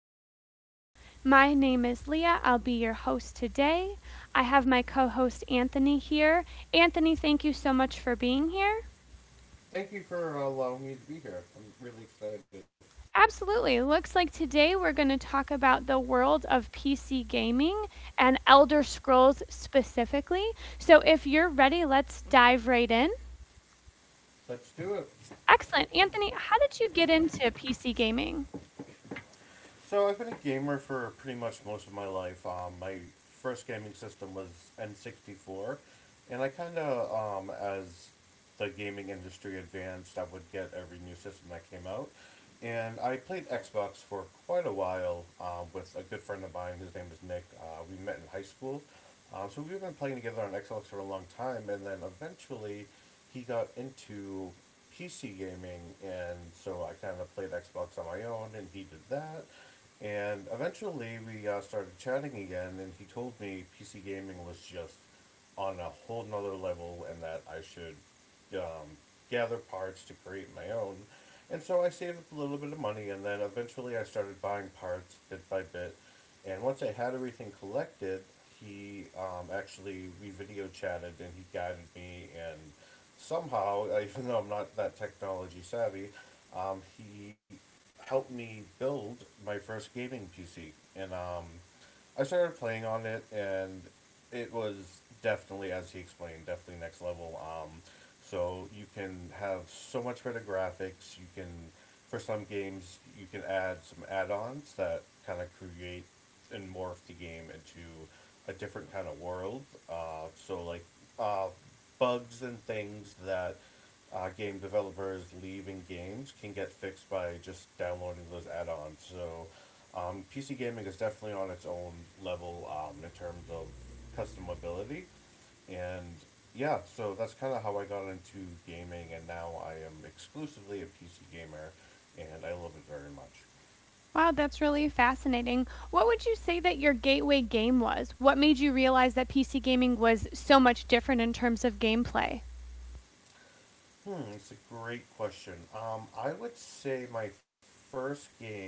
our show. My name is Leah. I'll be your host today. I have my co host Anthony here. Anthony, thank you so much for being here. Thank you for allowing me to be here. I'm really excited. Absolutely. Looks like today we're going to talk about the world of PC gaming and Elder Scrolls specifically. So, if you're ready, let's dive right in. Let's do it. Excellent. Anthony, how did you get into PC gaming? So I've been a gamer for pretty much most of my life. My first gaming system was N 64, and I kind of as the gaming industry advanced, I would get every new system that came out, and I played Xbox for quite a while with a good friend of mine. His name is Nick. We met in high school, So we've been playing together on Xbox for a long time, and then eventually he got into PC gaming, and so I kind of played Xbox on my own, and he did that. And eventually we started chatting again, and he told me PC gaming was just on a whole nother level, and that I should um, gather parts to create my own. And so I saved up a little bit of money, and then eventually I started buying parts bit by bit. And once I had everything collected, he actually we video chatted and he guided me and somehow, even though I'm not that technology savvy, he helped me build my first gaming PC. And I started playing on it, and it was definitely, as he explained, definitely next level. So you can have so much better graphics. You can, for some games, you can add some add-ons that kind of create and morph the game into a different kind of world. Uh, so like uh, bugs and things that game developers leave in games can get fixed by just downloading those add-ons. PC gaming is definitely on its own level in terms of customability, and yeah, so that's kind of how I got into gaming, and now I am exclusively a PC gamer, and I love it very much. Wow, that's really fascinating. What would you say that your gateway game was? What made you realize that PC gaming was so much different in terms of gameplay? Hmm, it's a great question. I would say my first game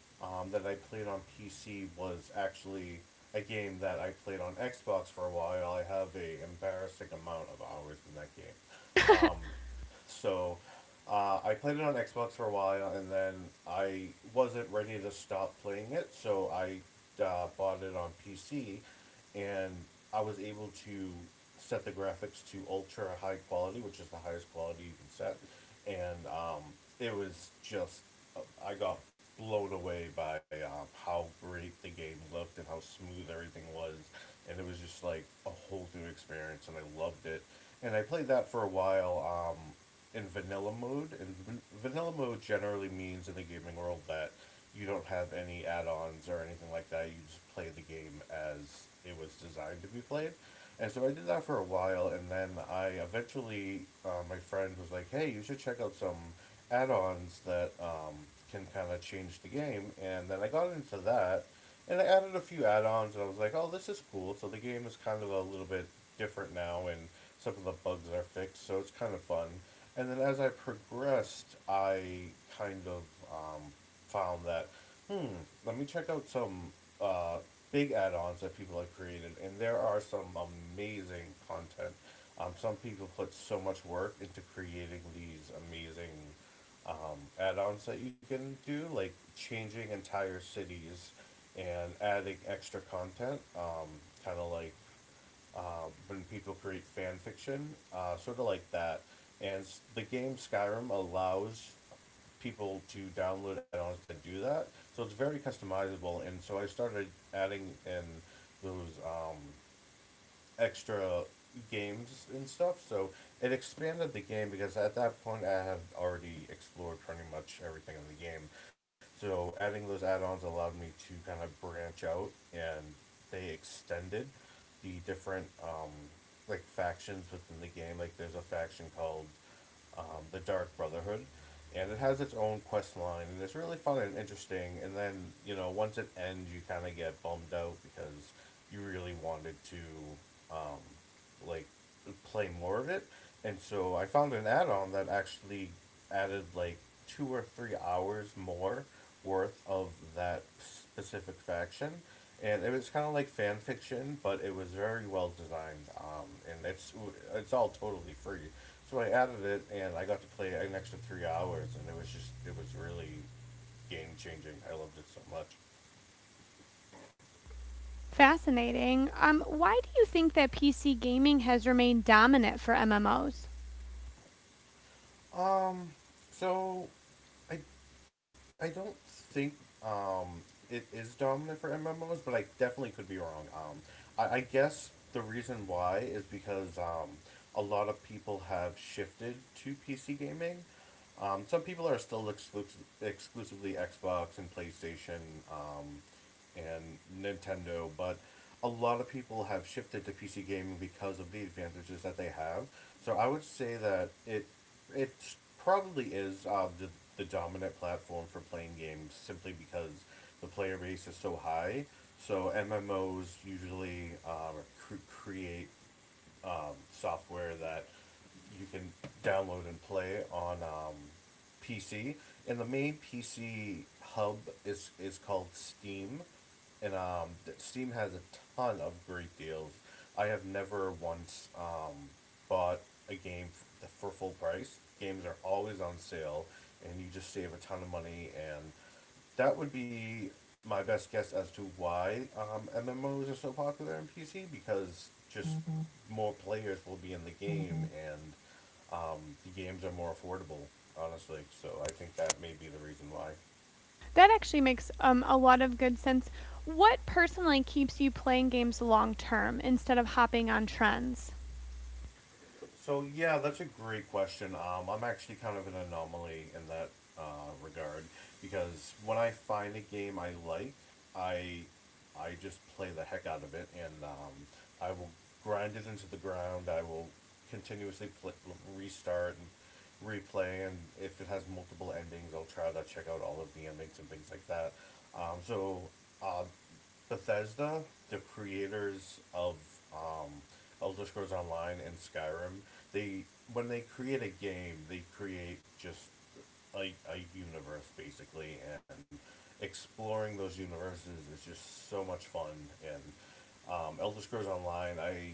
that I played on PC was actually a game that I played on Xbox for a while. I have a embarrassing amount of hours in that game. Um, so I played it on Xbox for a while, and then I wasn't ready to stop playing it, so I bought it on PC, and I was able to set the graphics to ultra high quality, which is the highest quality you can set, and it was just I got blown away by how great the game looked and how smooth everything was, and it was just like a whole new experience, and I loved it. And I played that for a while in vanilla mode, and vanilla mode generally means in the gaming world that you don't have any add-ons or anything like that. You just play the game as it was designed to be played. And so I did that for a while, and then I eventually, my friend was like, "Hey, you should check out some add-ons that can kind of change the game." And then I got into that, and I added a few add-ons, and I was like, "Oh, this is cool." So the game is kind of a little bit different now, and some of the bugs are fixed, so it's kind of fun. And then as I progressed, I kind of um, found that, hmm, let me check out some uh, big add-ons that people have created, and there are some amazing content. Some people put so much work into creating these amazing add-ons that you can do, like changing entire cities and adding extra content, kind of like when people create fan fiction, sort of like that. And the game Skyrim allows people to download add-ons that do that, so it's very customizable. And so I started adding in those extra games and stuff. So it expanded the game because at that point I had already explored pretty much everything in the game. So adding those add-ons allowed me to kind of branch out, and they extended the different like factions within the game. Like there's a faction called um, the Dark Brotherhood, and it has its own quest line, and it's really fun and interesting. And then you know once it ends, you kind of get bummed out because you really wanted to um, like play more of it, and so I found an add-on that actually added like 2 or 3 hours more worth of that specific faction, and it was kind of like fan fiction, but it was very well designed. And it's all totally free, so I added it, and I got to play an extra 3 hours, and it was just it was really game changing. I loved it so much. Fascinating. Why do you think that PC gaming has remained dominant for MMOs? Um, so I I don't think um it is dominant for M M Os, but I definitely could be wrong. I guess the reason why is because a lot of people have shifted to PC gaming. Some people are still exclusively Xbox and PlayStation um, and Nintendo, but a lot of people have shifted to PC gaming because of the advantages that they have. So I would say that it probably is the dominant platform for playing games simply because the player base is so high. So M M Os usually create software that you can download and play on PC. And the main PC hub is called Steam, and Steam has a ton of great deals. I have never once bought a game for full price. Games are always on sale, and you just save a ton of money, and that would be my best guess as to why MMOs are so popular in PC because just mm-hmm, more players will be in the game, mm-hmm, and um, the games are more affordable, honestly. So I think that may be the reason why. That actually makes a lot of good sense. What personally keeps you playing games long term instead of hopping on trends? So yeah, that's a great question. I'm actually kind of an anomaly in that uh, regard because when I find a game I like, I I just play the heck out of it, and I will grind it into the ground. I will continuously restart and replay, and if it has multiple endings, I'll try to check out all of the endings and things like that. Um, so um, Bethesda, the creators of um, Elder Scrolls Online and Skyrim, they when they create a game, they create just a universe basically, and exploring those universes is just so much fun. And Elder Scrolls Online, I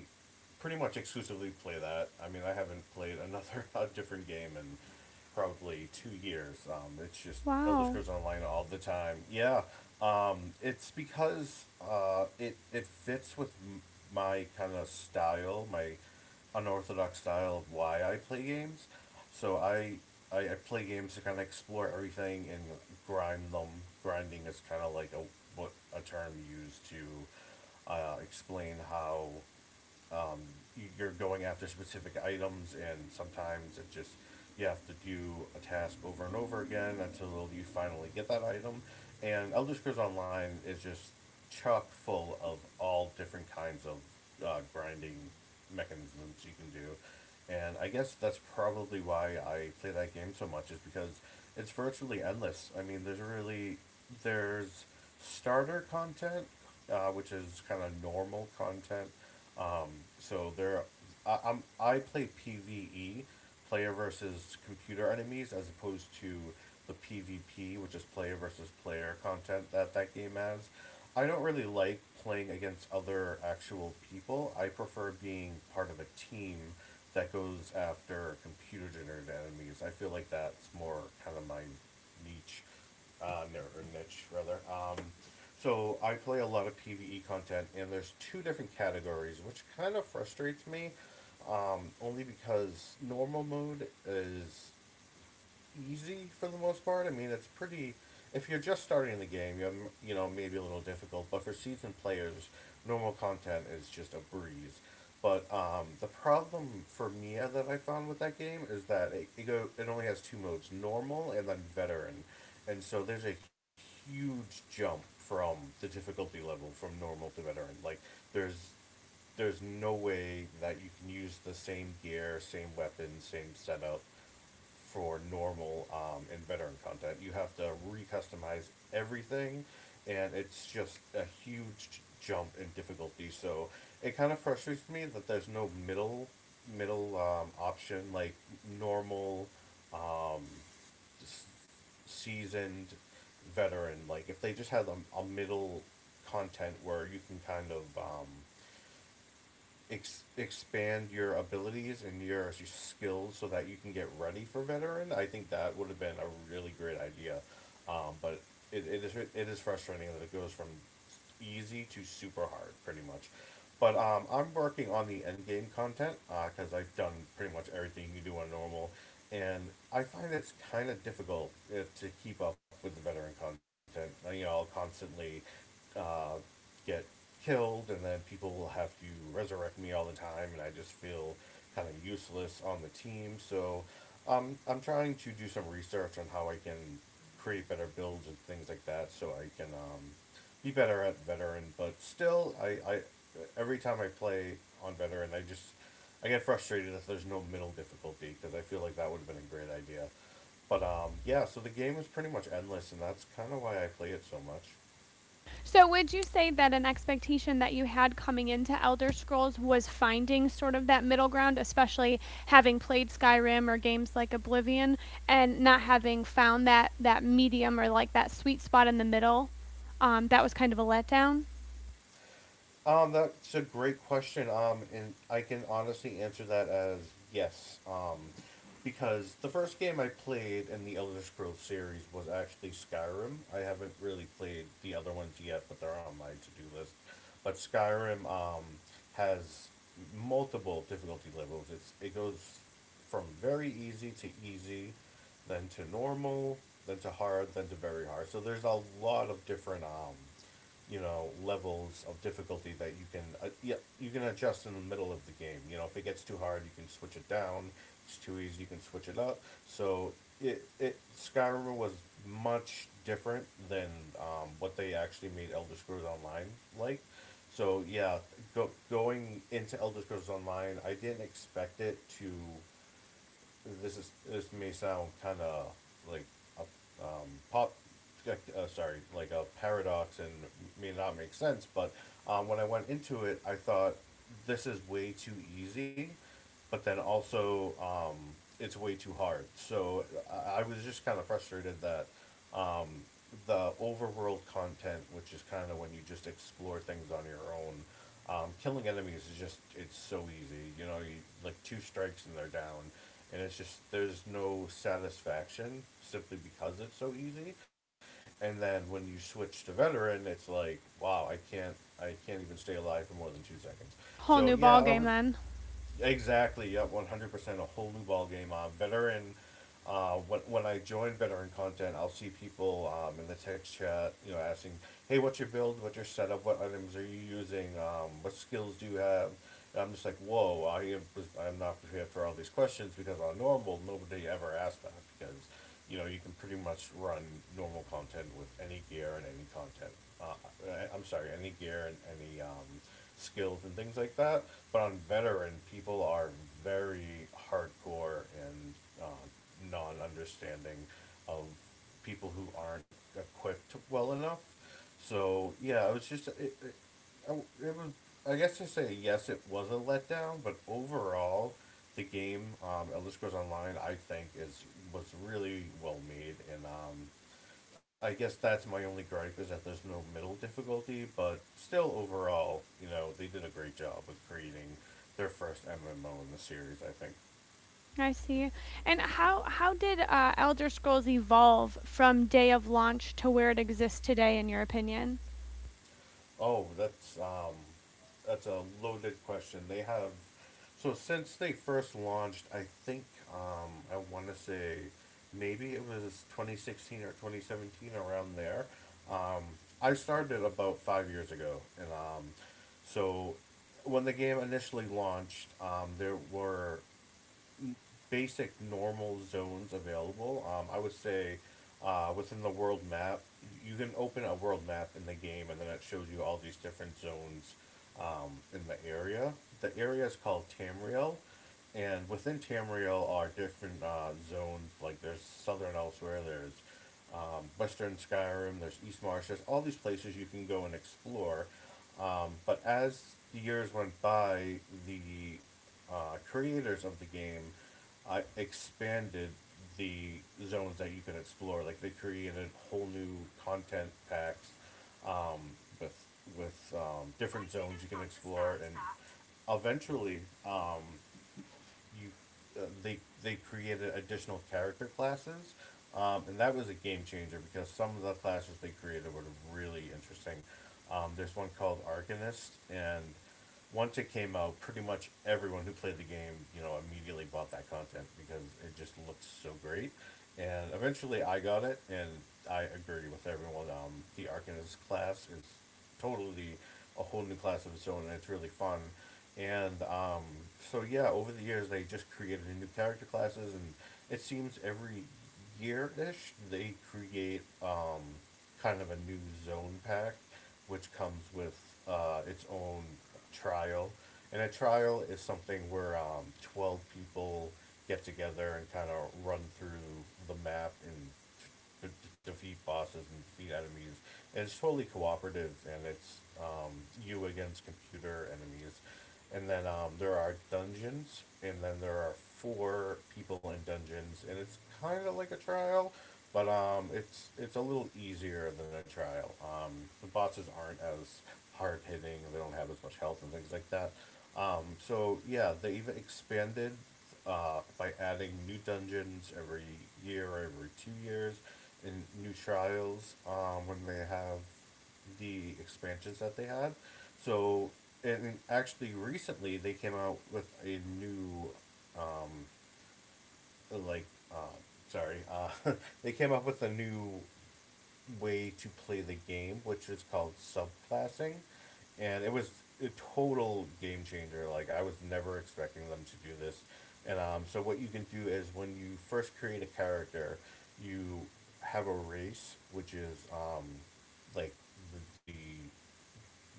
pretty much exclusively play that. I mean, I haven't played another a different game in probably 2 years. It's just Elder Wow. Scrolls Online all the time. Yeah, it's because it it fits with my kind of style, my unorthodox style of why I play games. So I play games to kind of explore everything and grind them. Grinding is kind of like a what a term used to explain how um, you're going after specific items, and sometimes it just, you have to do a task over and over again until you finally get that item. And Elder Scrolls Online is just chock full of all different kinds of grinding mechanisms you can do. And I guess that's probably why I play that game so much is because it's virtually endless. I mean, there's really there's starter content, which is kind of normal content, um, so there, I, I'm I play PVE, player versus computer enemies, as opposed to the PvP, which is player versus player content that that game has. I don't really like playing against other actual people. I prefer being part of a team that goes after computer generated enemies. I feel like that's more kind of my niche uh, ner- niche rather. So I play a lot of PVE content, and there's two different categories, which kind of frustrates me. Only because normal mode is easy for the most part. I mean, it's pretty. If you're just starting the game, you have, you know, maybe a little difficult, but for seasoned players, normal content is just a breeze. But The problem for me that I found with that game is that it go it only has two modes, normal and then veteran, and so there's a huge jump from the difficulty level from normal to veteran. Like there's there's no way that you can use the same gear, same weapon, same setup for normal and veteran content. You have to recustomize everything, and it's just a huge jump in difficulty. So it kind of frustrates me that there's no middle option like normal, um, seasoned, veteran. Like if they just had a middle content where you can kind of expand your abilities and your, skills so that you can get ready for veteran, I think that would have been a really great idea. But it is frustrating that it goes from easy to super hard, pretty much. But I'm working on the end game content because I've done pretty much everything you do on normal, and I find it's kind of difficult to keep up with the veteran content. You know, I'll constantly uh, get killed, and then people will have to resurrect me all the time, and I just feel kind of useless on the team. So I'm trying to do some research on how I can create better builds and things like that, so I can be better at veteran. But still, I every time I play on veteran, I just I get frustrated if there's no middle difficulty because I feel like that would have been a great idea. But yeah, so the game is pretty much endless, and that's kind of why I play it so much. So, would you say that an expectation that you had coming into Elder Scrolls was finding sort of that middle ground, especially having played Skyrim or games like Oblivion and not having found that medium or like that sweet spot in the middle? That was kind of a letdown. That's a great question. And I can honestly answer that as yes. Because the first game I played in the Elder Scrolls series was actually Skyrim. I haven't really played the other ones yet, but they're on my to do list. But Skyrim has multiple difficulty levels. It goes from very easy to easy, then to normal, then to hard, then to very hard. So there's a lot of different you know levels of difficulty that you can yeah you can adjust in the middle of the game. You know if it gets too hard, you can switch it down. If it's too easy, you can switch it up. So it Skyrim was much different than what they actually made Elder Scrolls Online like. So yeah, going into Elder Scrolls Online, I didn't expect it to this may sound kind of like a like a paradox and may not make sense, but when I went into it, I thought this is way too easy, but then also it's way too hard. So I was just kind of frustrated that um, the overworld content, which is kind of when you just explore things on your own. Killing enemies is just it's so easy. You know, you like two strikes and they're down, and it's just there's no satisfaction simply because it's so easy. And then when you switch to veteran, it's like wow, I can't even stay alive for more than 2 seconds. Whole So new yeah, ball I game was then. exactly, yeah, 100% a whole new ball game. Veteran, when I join veteran content, I'll see people in the text chat, you know, asking, "Hey, what's your build? What's your setup? What items are you using? What skills do you have?" And I'm just like, "Whoa, I am I'm not prepared for all these questions because on normal nobody ever asks that because, you know, you can pretty much run normal content with any gear and any content. I'm sorry, any gear and any skills and things like that. But on veteran, people are very hardcore and uh, non-understanding of people who aren't equipped well enough. So yeah, it was just it was. I guess to say yes, it was a letdown, but overall, the game Elder Scrolls Online I think is was really well made, and I guess that's my only gripe is that there's no middle difficulty, but still overall, you know, they did a great job with creating their first MMO in the series. I think. I see. And how did Elder Scrolls evolve from day of launch to where it exists today, in your opinion? Oh, that's a loaded question. They have, so since they first launched, I think I want to say maybe it was 2016 or 2017 around there. Um, I started about 5 years ago, and so when the game initially launched, there were basic normal zones available. I would say within the world map, you can open a world map in the game, and then it shows you all these different zones in the area. The area is called Tamriel, and within Tamriel are different zones. Like there's Southern Elsewhere, there's Western Skyrim, there's East Marsh, there's all these places you can go and explore. But as the years went by, the creators of the game I expanded the zones that you could explore. Like they created whole new content packs um, with with different zones you can explore, and eventually um, you they created additional character classes, and that was a game changer because some of the classes they created were really interesting. There's one called Arcanist, and once it came out, pretty much everyone who played the game, you know, immediately bought that content because it just looked so great. And eventually, I got it, and I agree with everyone. The Arcanist class is totally a whole new class of its own, and it's really fun. And so, yeah, over the years, they just created new character classes, and it seems every year ish they create kind of a new zone pack which comes with its own trial. And a trial is something where 12 people get together and kind of run through the map and d- defeat bosses and defeat enemies. And it's totally cooperative, and it's you against computer enemies. And then there are dungeons, and then there are four people in dungeons, and it's kind of like a trial, but it's a little easier than a trial. The bosses aren't as hard hitting. They don't have as much health and things like that. So yeah, they even expanded by adding new dungeons every year or every 2 years, and new trials when they have the expansions that they had. So and actually recently they came out with a new um, like, uh, sorry, uh, they came up with a new way to play the game, which is called subclassing, and it was a total game changer. Like I was never expecting them to do this, and so what you can do is when you first create a character, you have a race, which is like the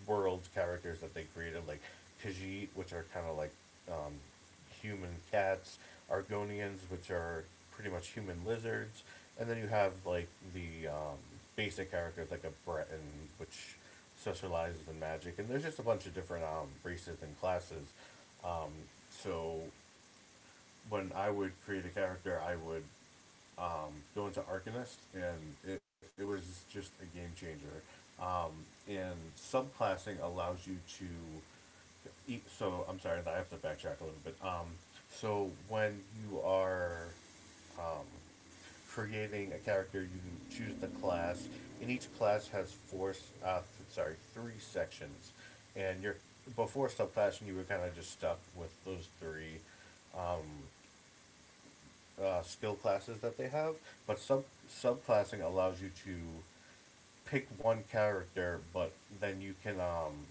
world characters that they created, like Khajiit, which are kind of like um, human cats, Argonians, which are pretty much human lizards, and then you have like the basic characters like a Breton, which specializes in magic, and there's just a bunch of different races and classes. Um, so when I would create a character, I would going to Arcanist, and it was just a game changer. Um, and subclassing allows you to eat. So I'm sorry, I have to backtrack a little bit. So when you are um, creating a character, you choose the class, and each class has four, s- th- sorry, three sections. And you're before subclassing, you were kind of just stuck with those three. Um, skill classes that they have, but subclassing allows you to pick one character, but then you can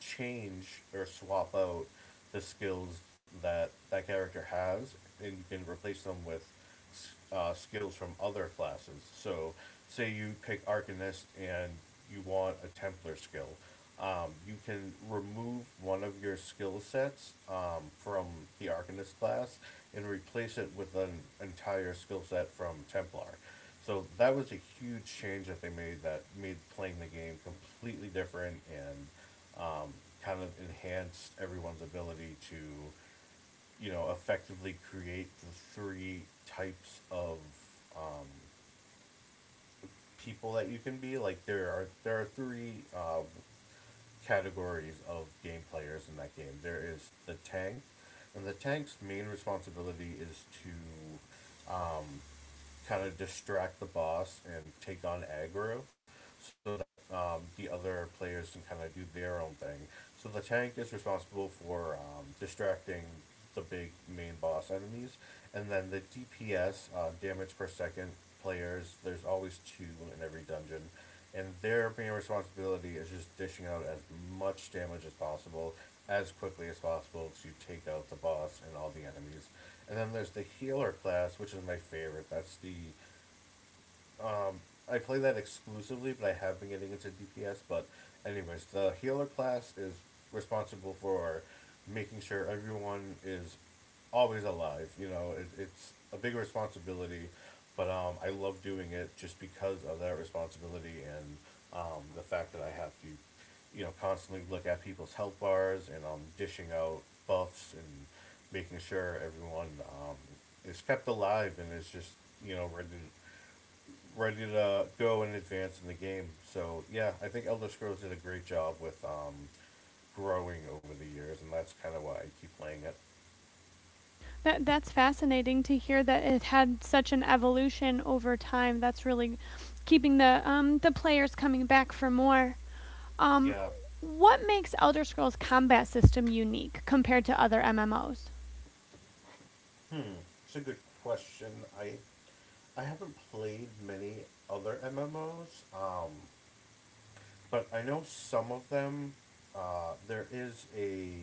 change or swap out the skills that that character has, and you can replace them with skills from other classes. So, say you pick Arcanist and you want a Templar skill. You can remove one of your skill sets from the Arcanist class and replace it with an entire skill set from Templar. So that was a huge change that they made that made playing the game completely different and um, kind of enhanced everyone's ability to, you know, effectively create the three types of um, people that you can be. Like there are three categories of game players in that game. There is the tank, and the tank's main responsibility is to um, kind of distract the boss and take on aggro, so that the other players can kind of do their own thing. So the tank is responsible for distracting the big main boss enemies, and then the DPS, damage per second, players. There's always two in every dungeon, and their main responsibility is just dishing out as much damage as possible as quickly as possible to take out the boss and all the enemies. And then there's the healer class, which is my favorite. That's the I play that exclusively, but I have been getting into DPS. But, anyways, the healer class is responsible for making sure everyone is always alive. You know, it's a big responsibility, but I love doing it just because of that responsibility and the fact that I have to, constantly look at people's health bars and dishing out buffs and making sure everyone is kept alive and is just you know ready ready to go and advance in the game. So yeah, I think Elder Scrolls did a great job with growing over the years, and that's kind of why I keep playing it. That's fascinating to hear that it had such an evolution over time. That's really keeping the players coming back for more. Um, Yeah, what makes Elder Scrolls combat system unique compared to other MMOs? hmm, it's a good question. I I haven't played many other MMOs, but I know some of them. There is a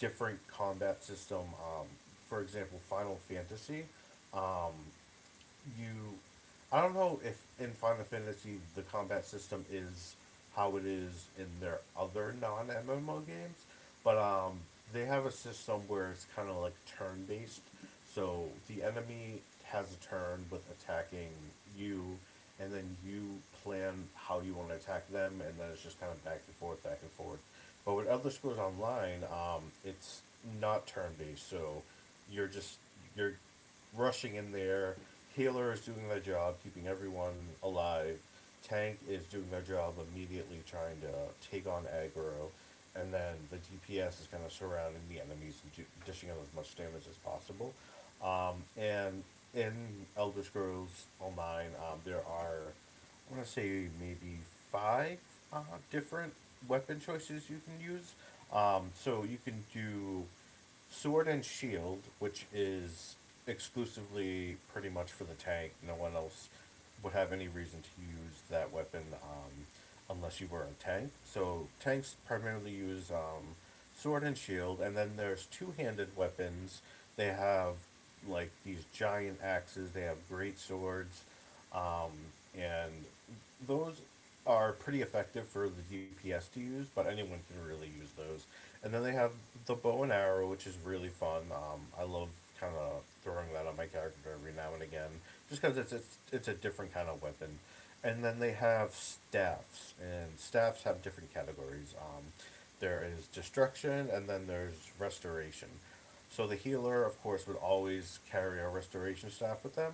different combat system. For example, Final Fantasy. Um, you, I don't know if in Final Fantasy the combat system is how it is in their other non MMO games, but they have a system where it's kind of like turn based. So the enemy has a turn with attacking you, and then you plan how you want to attack them, and then it's just kind of back and forth, back and forth. But with Elder Scrolls Online, it's not turn based, so you're just you're rushing in there. Healer is doing their job, keeping everyone alive. Tank is doing their job, immediately trying to take on aggro. And then the DPS is kind of surrounding the enemies and dishing out as much damage as possible. And in Elder Scrolls Online, I want to say maybe five uh, different weapon choices you can use. So you can do sword and shield, which is exclusively pretty much for the tank. No one else would have any reason to use that weapon unless you were a tank. So tanks primarily use sword and shield, and then there's two-handed weapons. They have like these giant axes. They have great swords, um, and those are pretty effective for the DPS to use, but anyone can really use those. And then they have the bow and arrow, which is really fun. I love kind of throwing that on my character every now and again, just because it's a different kind of weapon. And then they have staffs, and staffs have different categories. There is destruction, and then there's restoration. So the healer, of course, would always carry a restoration staff with them,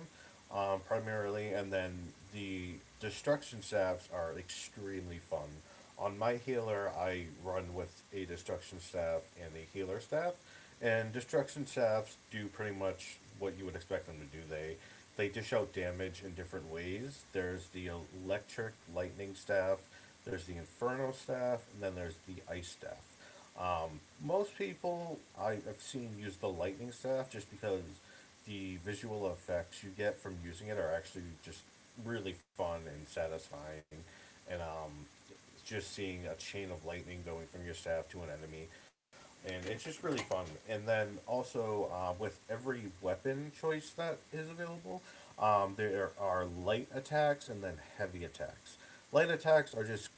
primarily, and then the destruction staffs are extremely fun. On my healer, I run with a destruction staff and a healer staff, and destruction staffs do pretty much what you would expect them to do. They dish out damage in different ways. There's the electric lightning staff, there's the inferno staff, and then there's the ice staff. Um, Most people I have seen use the lightning staff just because the visual effects you get from using it are actually just really fun and satisfying. And just seeing a chain of lightning going from your staff to an enemy. And it's just really fun. And then also, with every weapon choice that is available, there are light attacks and then heavy attacks. Light attacks are just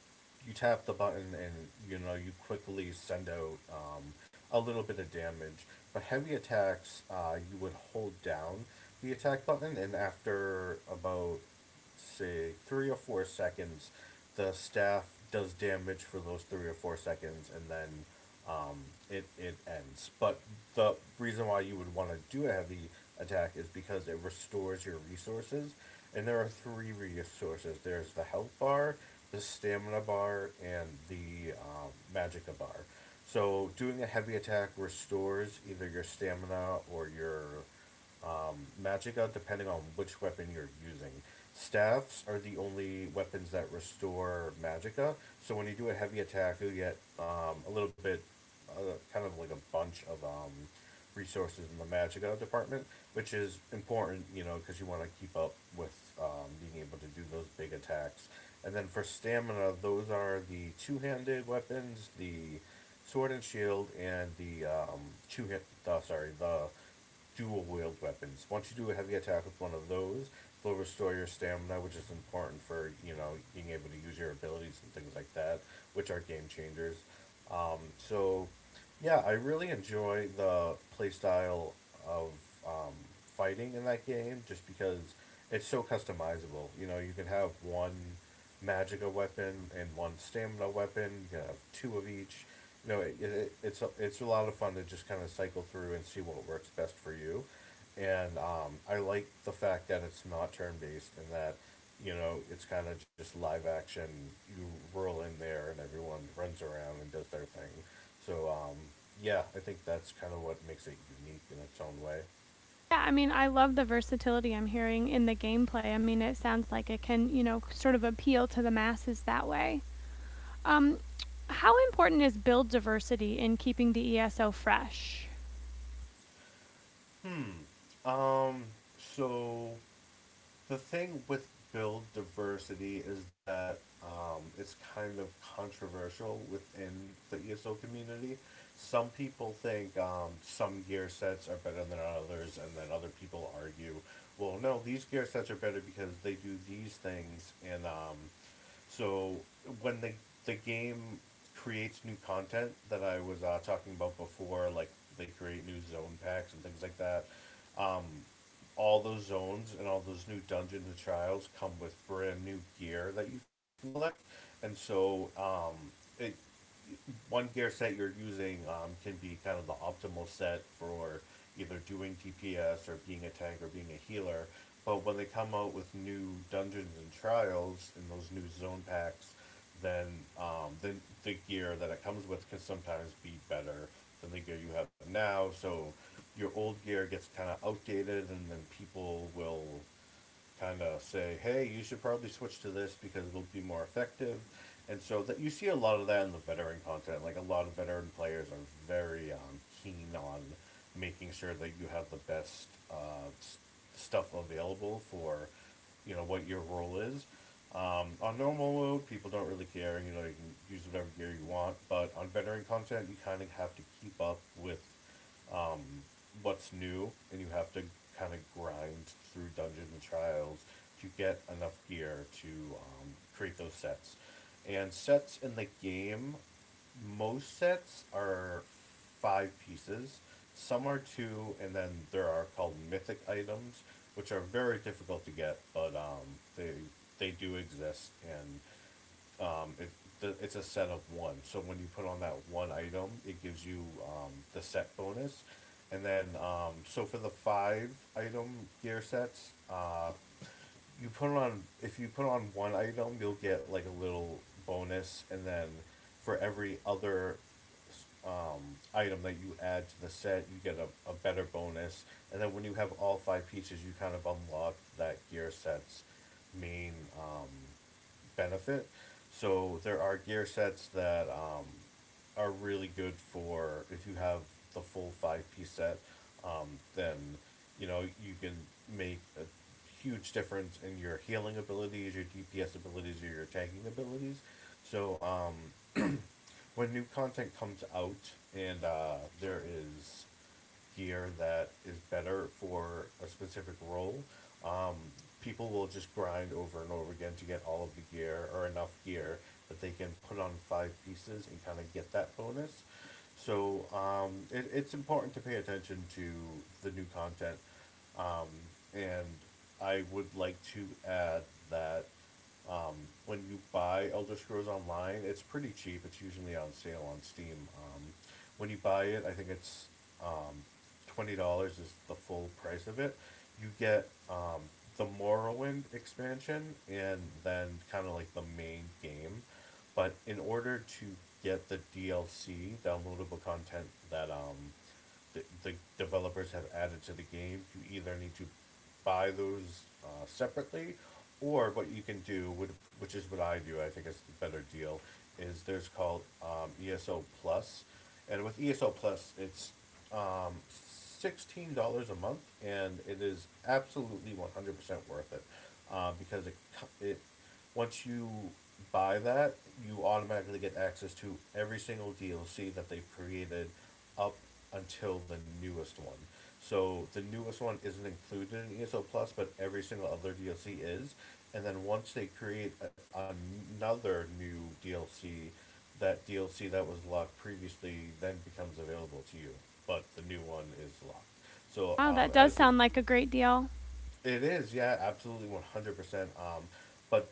you tap the button and you quickly send out a little bit of damage. But heavy attacks, you would hold down the attack button, and after about say 3 or 4 seconds, the staff does damage for those 3 or 4 seconds, and then um, it ends. But the reason why you would want to do a heavy attack is because it restores your resources. And there are three resources there's the health bar, the stamina bar, and the magicka bar. So doing a heavy attack restores either your stamina or your magic out depending on which weapon you're using. Staffs are the only weapons that restore magicka. So when you do a heavy attack, you'll get uh, kind of like a bunch of resources in the magicka department, which is important, you know, because you want to keep up with being able to do those big attacks. And then for stamina, those are the two-handed weapons, the sword and shield, and the two hit. The, sorry, the dual wield weapons. Once you do a heavy attack with one of those, they'll restore your stamina, which is important for being able to use your abilities and things like that, which are game changers. So yeah, I really enjoy the playstyle of um, fighting in that game just because it's so customizable. You know, you can have one magicka weapon and one stamina weapon. You can have two of each. You know, it's a lot of fun to just kind of cycle through and see what works best for you. And I like the fact that it's not turn based and that it's kind of just live action. You roll in there and everyone runs around and does their thing. So yeah, I think that's kind of what makes it unique in its own way. Yeah, I mean, I love the versatility I'm hearing in the gameplay. I mean, it sounds like it can, you know, sort of appeal to the masses that way. Um, how important is build diversity in keeping the ESO fresh? Hmm. So the thing with build diversity is that it's kind of controversial within the ESO community. Some people think some gear sets are better than others, and then other people argue, well, no, these gear sets are better because they do these things, and so when the game creates new content that I was talking about before, like they create new zone packs and things like that. Um, all those zones and all those new dungeons and trials come with brand new gear that you can collect, and so it one gear set you're using can be kind of the optimal set for either doing DPS or being a tank or being a healer. But when they come out with new Dungeons and Trials and those new zone packs, then um, the, the gear that it comes with can sometimes be better than the gear you have now. So your old gear gets kind of outdated, and then people will kind of say, hey, you should probably switch to this because it'll be more effective. And so that you see a lot of that in the veteran content. Like a lot of veteran players are very keen on making sure that you have the best stuff available for what your role is. On normal mode, people don't really care. You know, you can use whatever gear you want, but on veteran content, you kind of have to keep up with um, what's new, and you have to kind of grind through dungeons and trials to get enough gear to create those sets. And sets in the game, most sets are 5 pieces. Some are two, and then there are called mythic items, which are very difficult to get, but they do exist, and um, it, it's a set of one. So when you put on that one item, it gives you the set bonus. And then, so for the 5 item gear sets, if you put on one item, you'll get like a little bonus. And then for every other um, item that you add to the set, you get a better bonus. And then when you have all 5 pieces, you kind of unlock that gear set's main um, benefit. So there are gear sets that are really good for if you have the full 5 piece set, um, then you can make a huge difference in your healing abilities, your DPS abilities, or your tanking abilities. So when new content comes out and there is gear that is better for a specific role, um, people will just grind over and over again to get all of the gear or enough gear that they can put on 5 pieces and kind of get that bonus. So it's important to pay attention to the new content. Um, and I would like to add that um, when you buy Elder Scrolls Online, it's pretty cheap. It's usually on sale on Steam. When you buy it, I think it's um, $20 is the full price of it. You get the Morrowind expansion and then kind of like the main game. But in order to get the DLC downloadable content that the developers have added to the game, you either need to buy those separately, or what you can do, would, which is what I do, I think is the better deal, is there's called ESO Plus, and with ESO Plus, it's $16 a month, and it is absolutely 100% worth it, because it once you buy that, you automatically get access to every single DLC that they've created up until the newest one. So the newest one isn't included in ESO Plus, but every single other DLC is. And then once they create another new DLC, that DLC that was locked previously then becomes available to you, but the new one is locked. So Wow, that does as the sound like a great deal. It is, yeah, absolutely 100%. But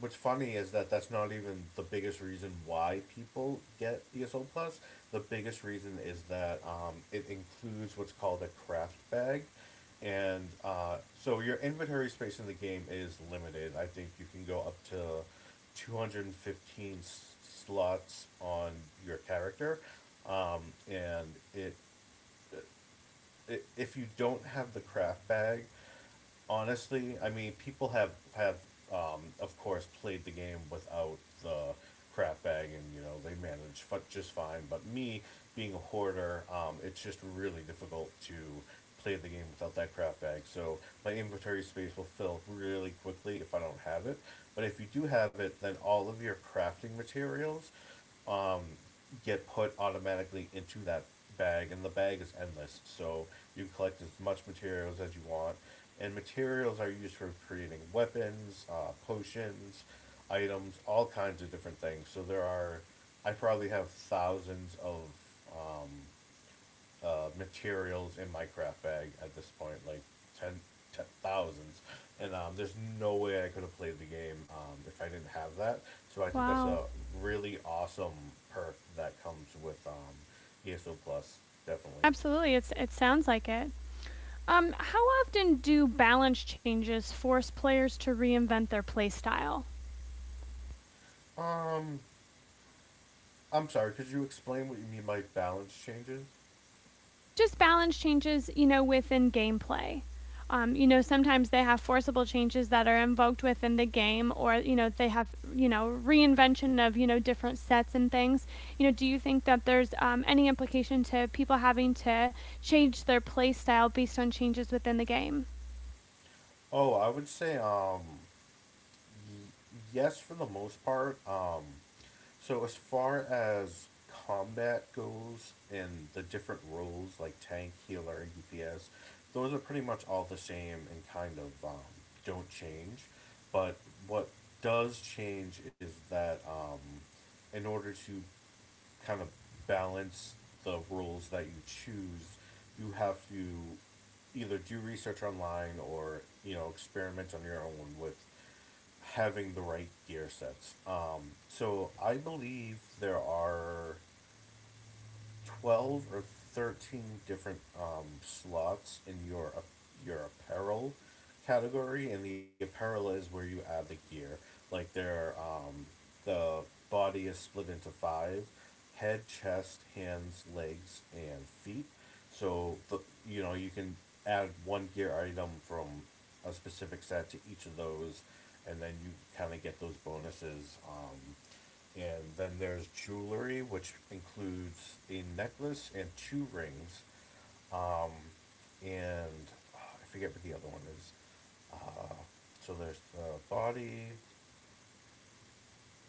what's funny is that that's not even the biggest reason why people get ESO Plus. The biggest reason is that it includes what's called a craft bag, and so your inventory space in the game is limited. I think you can go up to 215 slots on your character, um, and it, it if you don't have the craft bag honestly, I mean, people have of course played the game without the crap bag, and you know they manage just fine. But me being a hoarder, it's just really difficult to play the game without that crap bag. So my inventory space will fill really quickly if I don't have it. But if you do have it, then all of your crafting materials um, get put automatically into that bag, and the bag is endless. So you collect as much materials as you want, and materials are used for creating weapons, potions, items, all kinds of different things. So there are, I probably have thousands of um, materials in my craft bag at this point, like ten, ten thousands, and there's no way I could have played the game if I didn't have that. So I think that's Wow. a really awesome perk that comes with ESO Plus, definitely. Absolutely, it sounds like it. How often do balance changes force players to reinvent their play style? Um, I'm sorry. Could you explain what you mean by balance changes? Just balance changes, you know, within gameplay. You know, sometimes they have forcible changes that are invoked within the game, or you know, they have you know reinvention of you know different sets and things. You know, do you think that there's any implication to people having to change their play style based on changes within the game? Oh, I would say y- yes for the most part. So as far as combat goes and the different roles like tank, healer, and DPS, those are pretty much all the same and kind of don't change. But what does change is that in order to kind of balance the roles that you choose, you have to either do research online or you know experiment on your own with having the right gear sets. So I believe there are 12 or 13 different slots in your apparel category, and the apparel is where you add the gear. Like the body is split into five: head, chest, hands, legs, and feet. So the you know you can add one gear item from a specific set to each of those, and then you kind of get those bonuses. And then there's jewelry, which includes a necklace and two rings. Um, and I forget what the other one is. Uh, so there's the body.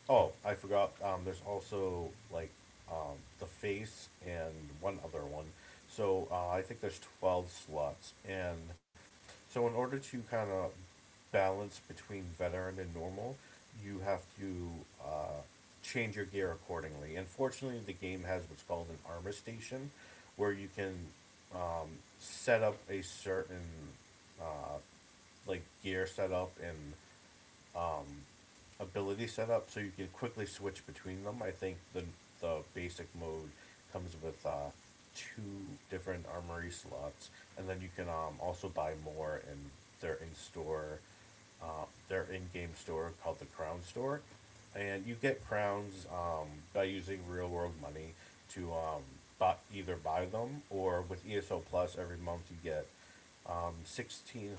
Oh, I forgot. There's also like the face and one other one. So I think there's 12 slots, and so in order to kind of balance between veteran and normal, you have to uh, change your gear accordingly. Unfortunately, the game has what's called an armor station, where you can um, set up a certain uh, like gear setup and ability set up so you can quickly switch between them. I think the basic mode comes with two different armory slots, and then you can also buy more in their in store, their in game store called the Crown Store, and you get crowns by using real world money to buy, either buy them or with ESO Plus every month you get um, 16,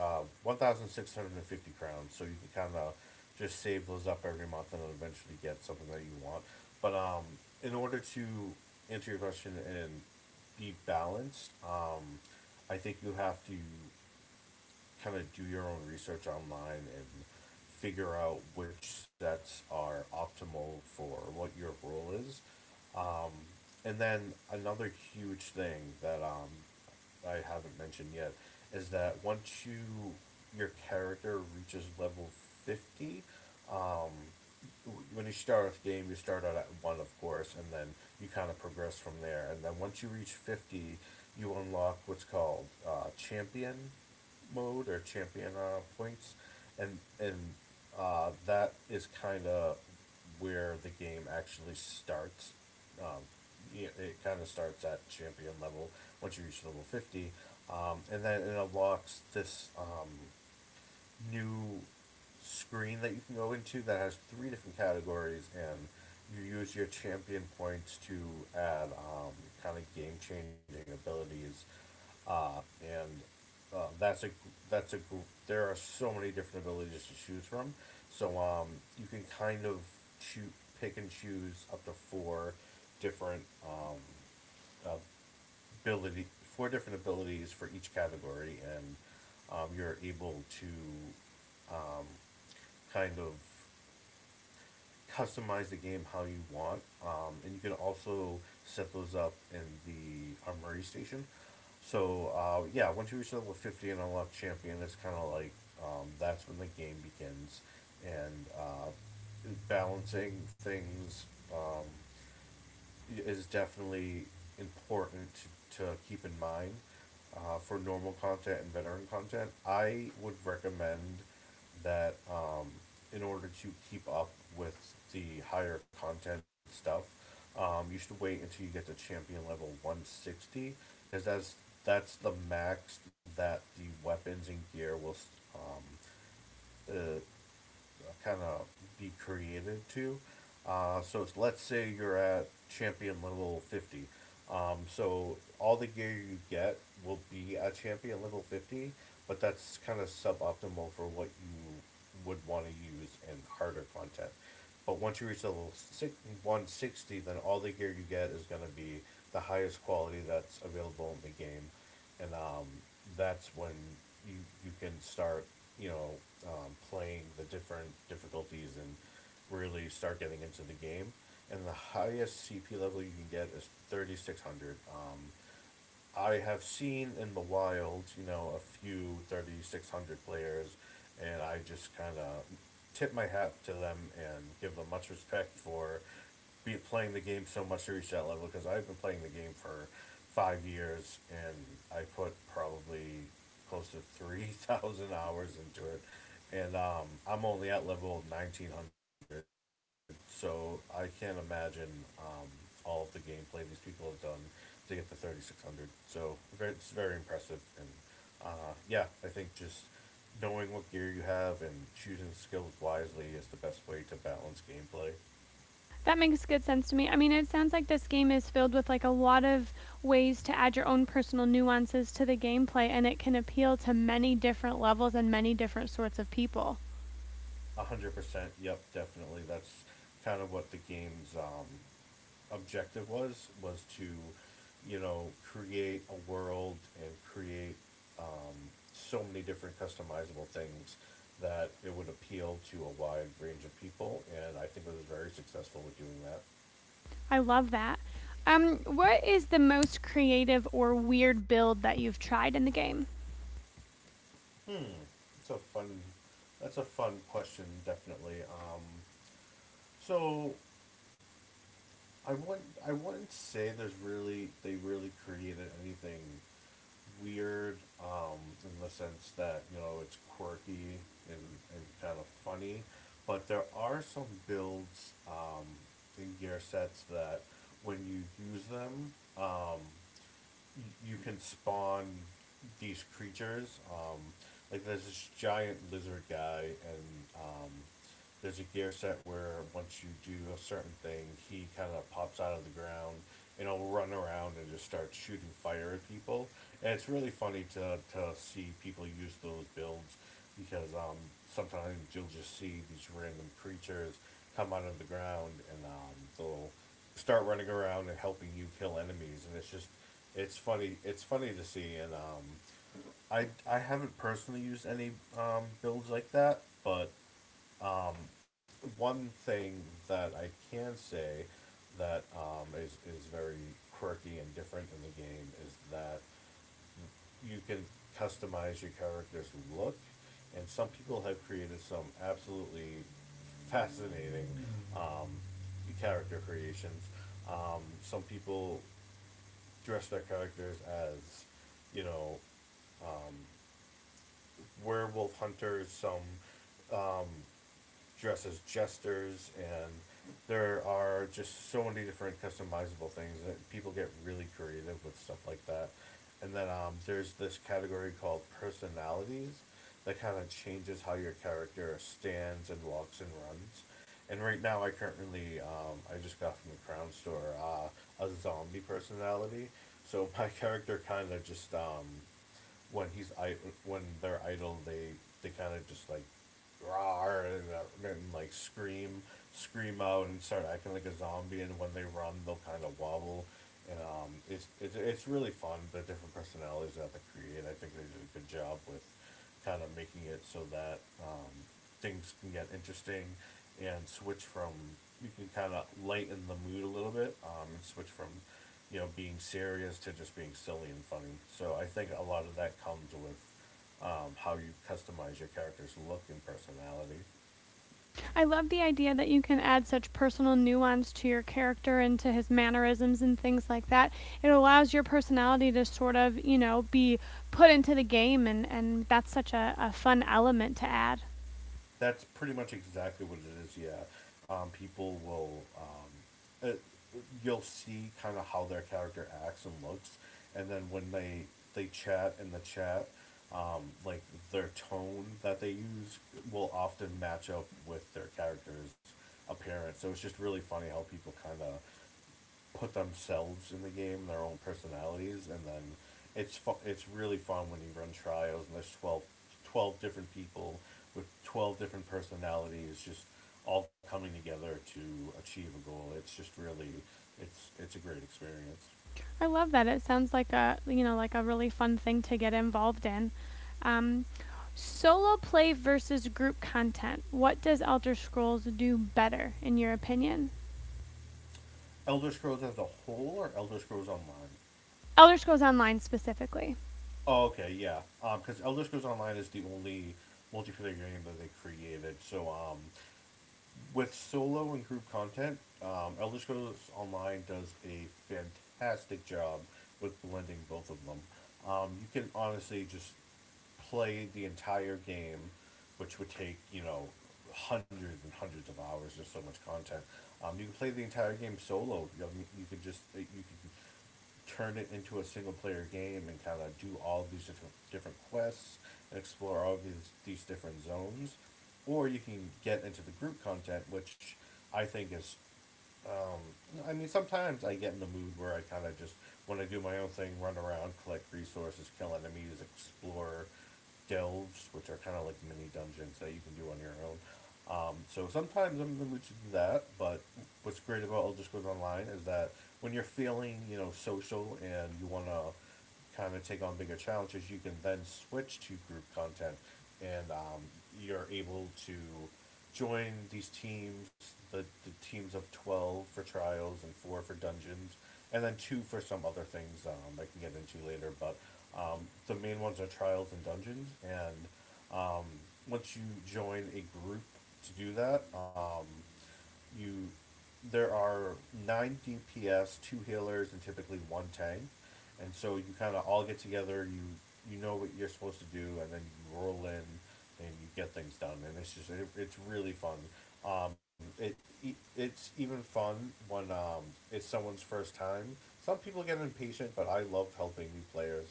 uh, 1,650 crowns. So you can kind of just save those up every month and eventually get something that you want. But in order to answer your question and be balanced, I think you have to kind of do your own research online and figure out which sets are optimal for what your role is. Um, and then another huge thing that I haven't mentioned yet is that once you your character reaches level 50. um, when you start with the game, you start out at one, of course, and then you kind of progress from there. And then once you reach 50, you unlock what's called champion mode or champion points, and that is kind of where the game actually starts. Um, yeah, it kind of starts at champion level once you reach level 50, and then it unlocks this new screen that you can go into that has three different categories and you use your champion points to add kind of game changing abilities and uh, that's a that's a there are so many different abilities to choose from. So you can kind of choose, pick and choose up to four different ability four different abilities for each category, and you're able to um, kind of customize the game how you want, and you can also set those up in the armory station. So yeah, once you reach level 50 and unlock champion, it's kind of like that's when the game begins, and balancing things Um, is definitely important to keep in mind for normal content and veteran content. I would recommend that in order to keep up with the higher content stuff, you should wait until you get to champion level 160 because that's the max that the weapons and gear will um, uh, kind of be created to. So let's say you're at champion level 50. So all the gear you get will be at champion level 50, but that's kind of suboptimal for what you would want to use in harder content. But once you reach 160, then all the gear you get is going to be the highest quality that's available in the game and that's when you you can start you know playing the different difficulties and really start getting into the game. And the highest CP level you can get is 3600. I have seen in the wild, you know, a few 3600 players, and I just kind of tip my hat to them and give them much respect for be playing the game so much to reach that level because I've been playing the game for 5 years and I put probably close to 3,000 hours into it. And I'm only at level 1900, so I can't imagine um, all of the gameplay these people have done to get to 3600. So it's very impressive. And yeah, I think just knowing what gear you have and choosing skills wisely is the best way to balance gameplay. That makes good sense to me. I mean, it sounds like this game is filled with like a lot of ways to add your own personal nuances to the gameplay and it can appeal to many different levels and many different sorts of people. 100%, yep, definitely. That's kind of what the game's objective was to, you know, create a world and create um, so many different customizable things that it would appeal to a wide range of people. And I think it was very successful with doing that. I love that. What is the most creative or weird build that you've tried in the game? Hmm, that's a fun, that's a fun question, definitely. So I wouldn't say there's really they really created anything weird, in the sense that you know it's quirky and kind of funny, but there are some builds, in gear sets that when you use them, you can spawn these creatures. Like there's this giant lizard guy, and there's a gear set where once you do a certain thing, he kind of pops out of the ground and he'll run around and just start shooting fire at people. And it's really funny to see people use those builds because sometimes you'll just see these random creatures come out of the ground and they'll start running around and helping you kill enemies, and it's funny. It's funny to see, and I haven't personally used any builds like that, but one thing that I can say that is very quirky and different in the game is that you can customize your character's look, and some people have created some absolutely fascinating um, character creations. Some people dress their characters as, you know, werewolf hunters, some dress as jesters, and there are just so many different customizable things that people get really creative with stuff like that. And then there's this category called personalities that kind of changes how your character stands and walks and runs. And right now, I just got from the Crown Store a zombie personality. So my character kind of just when he's I- when they're idle, they kind of just like roar and, like scream, scream out and start acting like a zombie. And when they run, they'll kind of wobble. And it's, it's really fun the different personalities that they create. I think they do a good job with kind of making it so that things can get interesting and switch from you can kind of lighten the mood a little bit, and switch from, you know, being serious to just being silly and funny. So I think a lot of that comes with how you customize your character's look and personality. I love the idea that you can add such personal nuance to your character and to his mannerisms and things like that. It allows your personality to sort of, you know, be put into the game, and that's such a fun element to add. That's pretty much exactly what it is. Yeah, people will you'll see kind of how their character acts and looks, and then when they chat in the chat, like their tone that they use will often match up with their character's appearance. So it's just really funny how people kind of put themselves in the game, their own personalities, and then it's really fun when you run trials and there's 12, 12 different people with 12 different personalities just all coming together to achieve a goal. It's just really, it's a great experience. I love that. It sounds like a, you know, like a really fun thing to get involved in. Um, solo play versus group content. What does Elder Scrolls do better, in your opinion? Elder Scrolls as a whole or Elder Scrolls Online? Elder Scrolls Online specifically. Oh, okay, yeah. Because Elder Scrolls Online is the only multiplayer game that they created. So, with solo and group content, Elder Scrolls Online does a fantastic job with blending both of them. You can honestly just play the entire game, which would take, you know, hundreds and hundreds of hours. There's so much content. You can play the entire game solo. You could just you could turn it into a single player game and kind of do all these different quests and explore all these different zones, or you can get into the group content, which I think is, I mean, sometimes I get in the mood where I kind of just want to do my own thing, run around, collect resources, kill enemies, explore delves, which are kind of like mini dungeons that you can do on your own. So sometimes I'm in the mood to do that, but what's great about Elder Scrolls Online is that when you're feeling, you know, social and you want to kind of take on bigger challenges, you can then switch to group content, and you're able to join these teams, the teams of 12 for trials and four for dungeons, and then two for some other things I can get into later. But um, the main ones are trials and dungeons, and once you join a group to do that, you there are nine DPS, two healers, and typically one tank, and so you kind of all get together. You know what you're supposed to do, and then you roll in, and you get things done, and it's just it's really fun. Um, it it's even fun when it's someone's first time. Some people get impatient, but I love helping new players.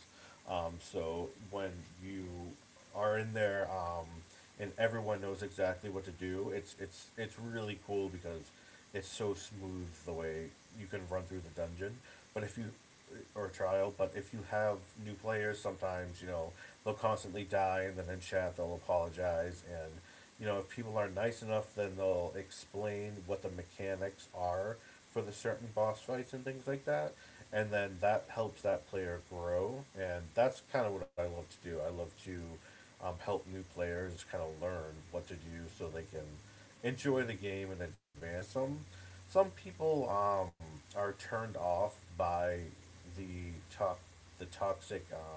So when you are in there, and everyone knows exactly what to do. It's it's really cool because it's so smooth the way you can run through the dungeon. But if you or trial, but if you have new players, sometimes, you know, they'll constantly die, and then in chat they'll apologize, and, you know, if people are nice enough, then they'll explain what the mechanics are for the certain boss fights and things like that, and then that helps that player grow, and that's kind of what I love to do. I love to, help new players kind of learn what to do so they can enjoy the game in advance. Because some people are turned off by the to- the toxic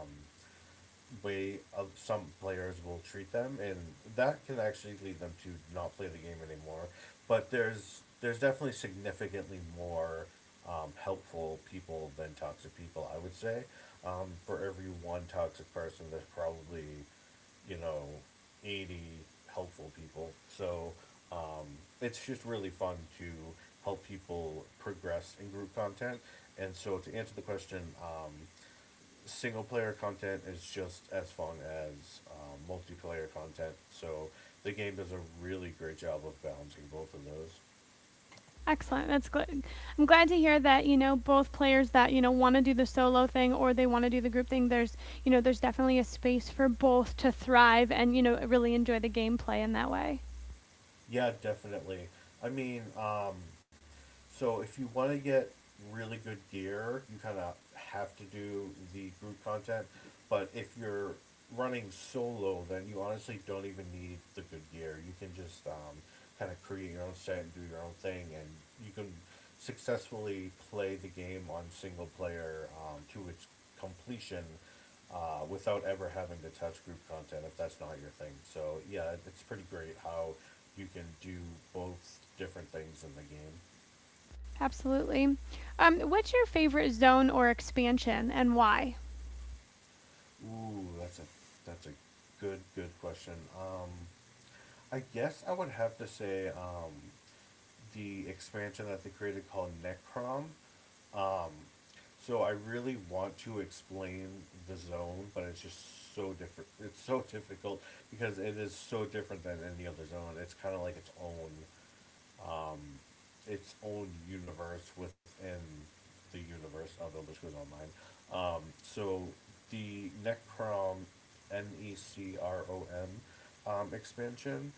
way of some players will treat them, and that can actually lead them to not play the game anymore. But there's definitely significantly more helpful people than toxic people. I would say for every one toxic person, there's probably, you know, 80 helpful people. So um, it's just really fun to help people progress in group content. And so to answer the question. Single player content is just as fun as multiplayer content. So the game does a really great job of balancing both of those. Excellent. That's good. I'm glad to hear that, you know, both players that, you know, want to do the solo thing or they want to do the group thing, there's, you know, there's definitely a space for both to thrive and, you know, really enjoy the gameplay in that way. Yeah, definitely. I mean, so if you want to get really good gear, you kind of have to do the group content. But if you're running solo, then you honestly don't even need the good gear. You can just kind of create your own set and do your own thing, and you can successfully play the game on single player to its completion without ever having to touch group content if that's not your thing. So yeah, it's pretty great how you can do both different things in the game. Absolutely. What's your favorite zone or expansion and why? Ooh, that's a good question. I guess I would have to say, the expansion that they created called Necrom. Um, so I really want to explain the zone, but it's just so different. It's so difficult because it is so different than any other zone. It's kind of like its own universe within the universe of Elder Scrolls Online. So the Necrom N E C R O M expansion,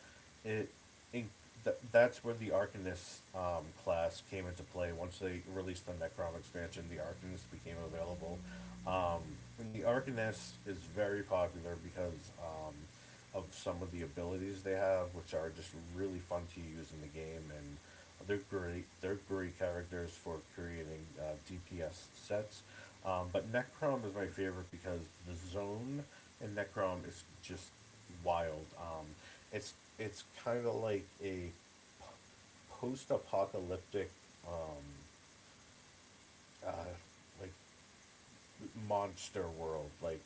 it, in that's where the Arcanist class came into play. Once they released the Necrom expansion, the Arcanist became available. Um, and the Arcanist is very popular because of some of the abilities they have, which are just really fun to use in the game, and they're great characters for creating DPS sets. But Necrom is my favorite because the zone in Necrom is just wild. It's it's kind of like a post-apocalyptic, um, uh, like monster world. Like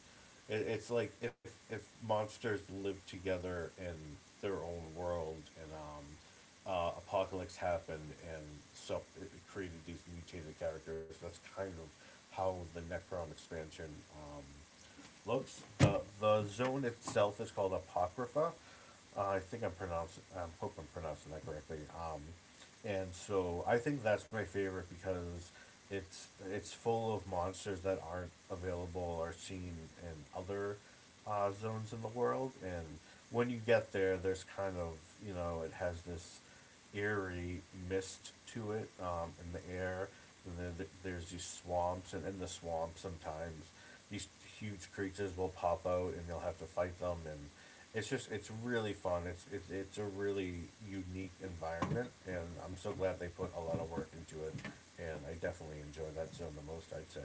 it's like if monsters live together in their own world and apocalypse happened and so it created these mutated characters. That's kind of how the Necron expansion um, looks. The zone itself is called Apocrypha, I hope I'm pronouncing that correctly. And so I think that's my favorite because it's full of monsters that aren't available or seen in other zones in the world. And when you get there, there's kind of, you know, it has this eerie mist to it in the air. And then there's these swamps, and in the swamp sometimes these huge creatures will pop out, and you'll have to fight them. And it's just it's really fun. It's it's a really unique environment, and I'm so glad they put a lot of work into it. And I definitely enjoy that zone the most, I'd say.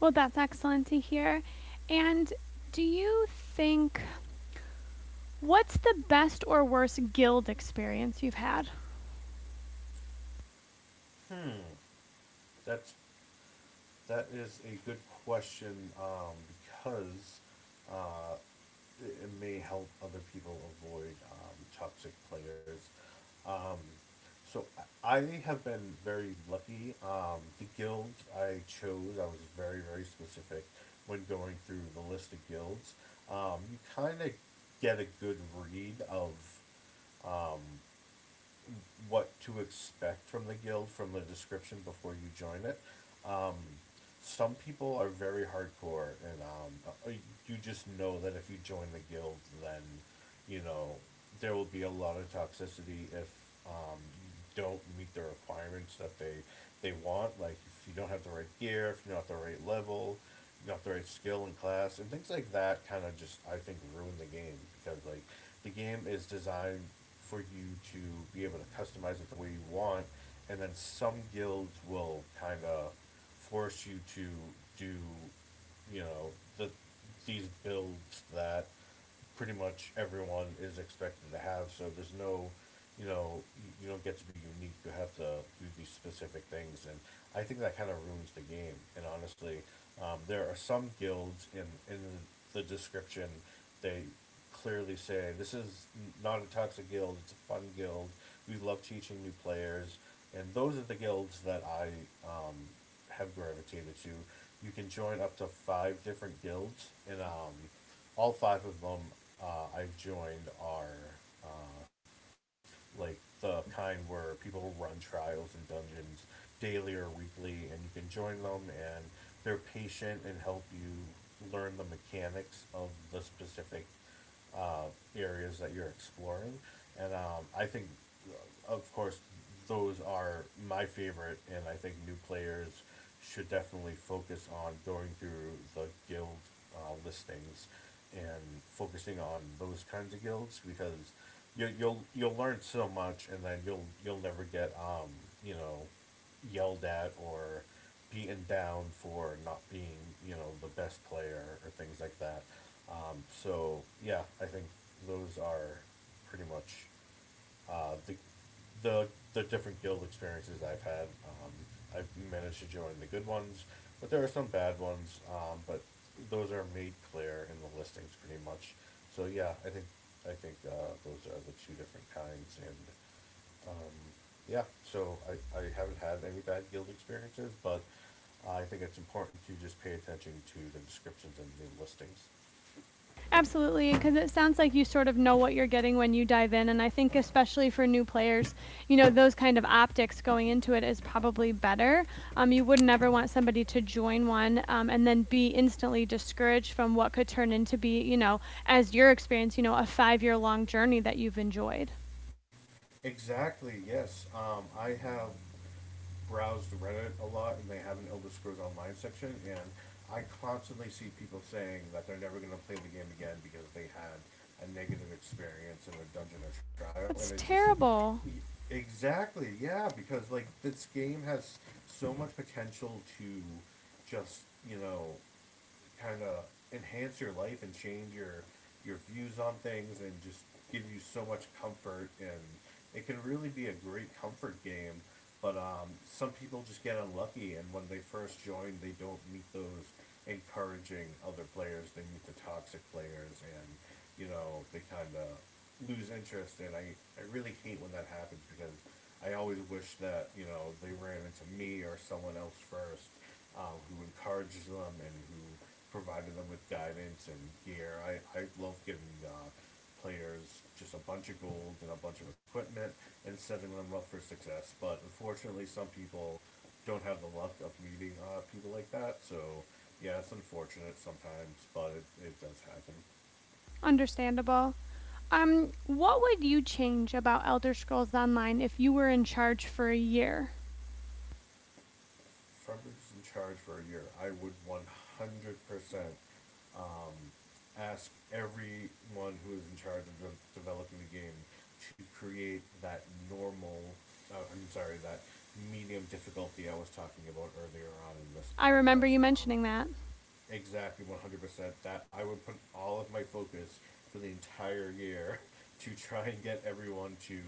Well, that's excellent to hear. And do you think what's the best or worst guild experience you've had? Hmm. That's That is a good question, um, because uh, it may help other people avoid toxic players. Um, so I have been very lucky. The guild I chose, I was very, very specific when going through the list of guilds. You kind of get a good read of um, what to expect from the guild from the description before you join it. Um, some people are very hardcore, and you just know that if you join the guild, then, you know, there will be a lot of toxicity if you don't meet the requirements that they want. Like if you don't have the right gear, if you're not the right level, you the right skill in class and things like that kind of just I think ruin the game because, like, the game is designed for you to be able to customize it the way you want and then some guilds will kind of force you to do, you know, the these builds that pretty much everyone is expected to have, so there's no, you know, you- don't get to be unique. You have to do these specific things, and I think that kind of ruins the game. And honestly, there are some guilds in the description, they clearly say this is not a toxic guild. It's a fun guild. We love teaching new players, and those are the guilds that I um, have gravitated to. You can join up to five different guilds, and, all five of them, I've joined, are like the kind where people run trials and dungeons daily or weekly, and you can join them, and they're patient and help you learn the mechanics of the specific uh, areas that you're exploring. And I think, of course, those are my favorite, and I think new players should definitely focus on going through the guild listings and focusing on those kinds of guilds because you'll learn so much and then you'll never get you know, yelled at or beaten down for not being, you know, the best player or things like that. So yeah, I think those are pretty much, uh, the, the the different guild experiences I've had. I've managed to join the good ones, but there are some bad ones. But those are made clear in the listings pretty much. So yeah, I think I think those are the two different kinds, and um, yeah. So I haven't had any bad guild experiences, but I think it's important to just pay attention to the descriptions and the listings. Absolutely, because it sounds like you sort of know what you're getting when you dive in. And I think, especially for new players, you know, those kind of optics going into it is probably better. You would never want somebody to join one and then be instantly discouraged from what could turn into be, you know, as your experience, you know, a 5-year long journey that you've enjoyed. Exactly. Yes. I have browsed Reddit a lot, and they have an Elder Scrolls Online section, and I constantly see people saying that they're never going to play the game again because they had a negative experience in a dungeon or trial, and That's it just terrible. exactly, yeah, because like this game has so much potential to just you know kind of enhance your life and change your views on things and just give you so much comfort, and it can really be a great comfort game. But some people just get unlucky, and when they first join they don't meet those encouraging other players, they meet the toxic players. And they kind of lose interest, and I really hate when that happens because I always wish that they ran into me or someone else first, who encourages them and who providing them with guidance and gear. I love giving players just a bunch of gold and a bunch of equipment and setting them up for success. But unfortunately, some people don't have the luck of meeting people like that. So yeah, it's unfortunate sometimes, but it does happen. Understandable. What would you change about Elder Scrolls Online if you were in charge for a year? Farmers in charge for a year, I would 100% um, ask everyone who is in charge of developing the game to create that normal, uh, I'm sorry, that medium difficulty I was talking about earlier on in this I remember you podcast. Mentioning that. Exactly, 100%. That I would put all of my focus for the entire year to try and get everyone to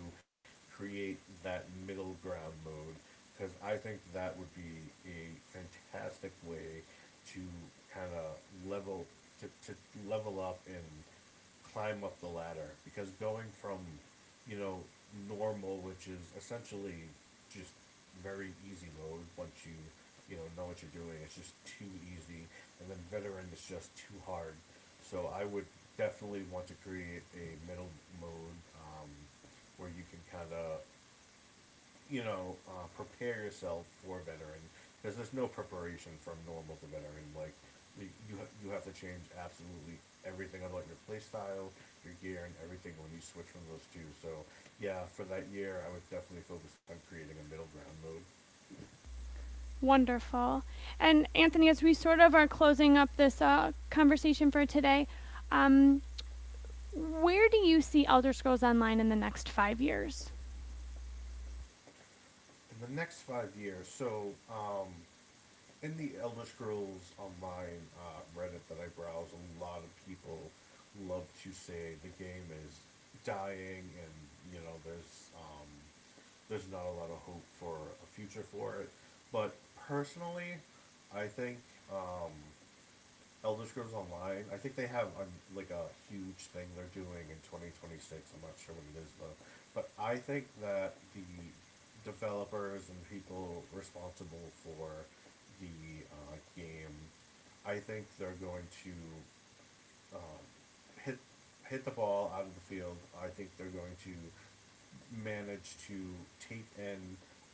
create that middle ground mode, because I think that would be a fantastic way to kind of level to, to level up and climb up the ladder. Because going from you know, normal, which is essentially just very easy mode once you, you know what you're doing, it's just too easy. And then veteran is just too hard. So I would definitely want to create a middle mode um, where you can kind of prepare yourself for veteran, because there's no preparation from normal to veteran. Like you have to change absolutely everything about your play style, your gear, and everything when you switch from those two. So yeah, for that year, I would definitely focus on creating a middle ground mode. Wonderful. And Anthony, as we sort of are closing up this conversation for today, um, where do you see Elder Scrolls Online in the next 5 years? In the next 5 years, so in the Elder Scrolls Online Reddit that I browse, a lot of people love to say the game is dying, and you know there's um, there's not a lot of hope for a future for it. But personally, I think Elder Scrolls Online. I think they have a, like a huge thing they're doing in 2026. I'm not sure what it is though, but I think that the developers and people responsible for the game, I think they're going to um, hit hit the ball out of the field. I think they're going to manage to take in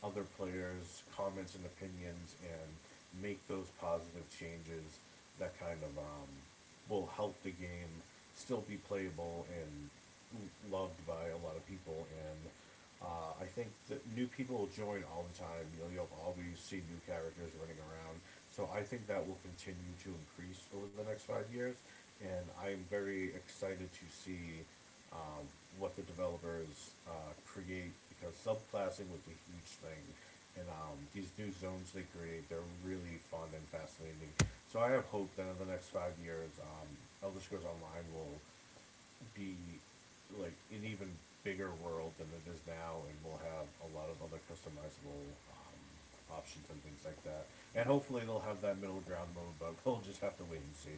other players' comments and opinions and make those positive changes that kind of will help the game still be playable and loved by a lot of people. And I think that new people will join all the time. You'll always see new characters running around. So I think that will continue to increase over the next 5 years. And I'm very excited to see um, what the developers create, because subclassing was a huge thing. And these new zones they create, they're really fun and fascinating. So I have hope that in the next 5 years, Elder Scrolls Online will be like an even bigger world than it is now, and we'll have a lot of other customizable um, options and things like that. And hopefully they'll have that middle ground mode, but we'll just have to wait and see.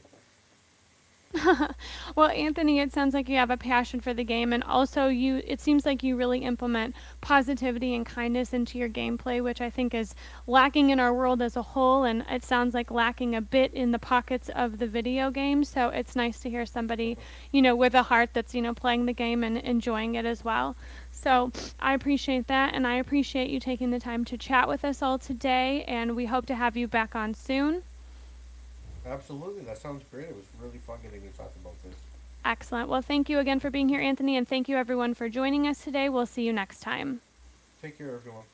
well, Anthony, it sounds like you have a passion for the game and also you it seems like you really implement positivity and kindness into your gameplay, which I think is lacking in our world as a whole and it sounds like lacking a bit in the pockets of the video game. So it's nice to hear somebody, you know, with a heart that's, you know, playing the game and enjoying it as well. So I appreciate that and I appreciate you taking the time to chat with us all today and we hope to have you back on soon. Absolutely, that sounds great. It was really fun getting to talk about this. Excellent. Well, thank you again for being here, Anthony, and thank you everyone for joining us today. We'll see you next time. Take care, everyone.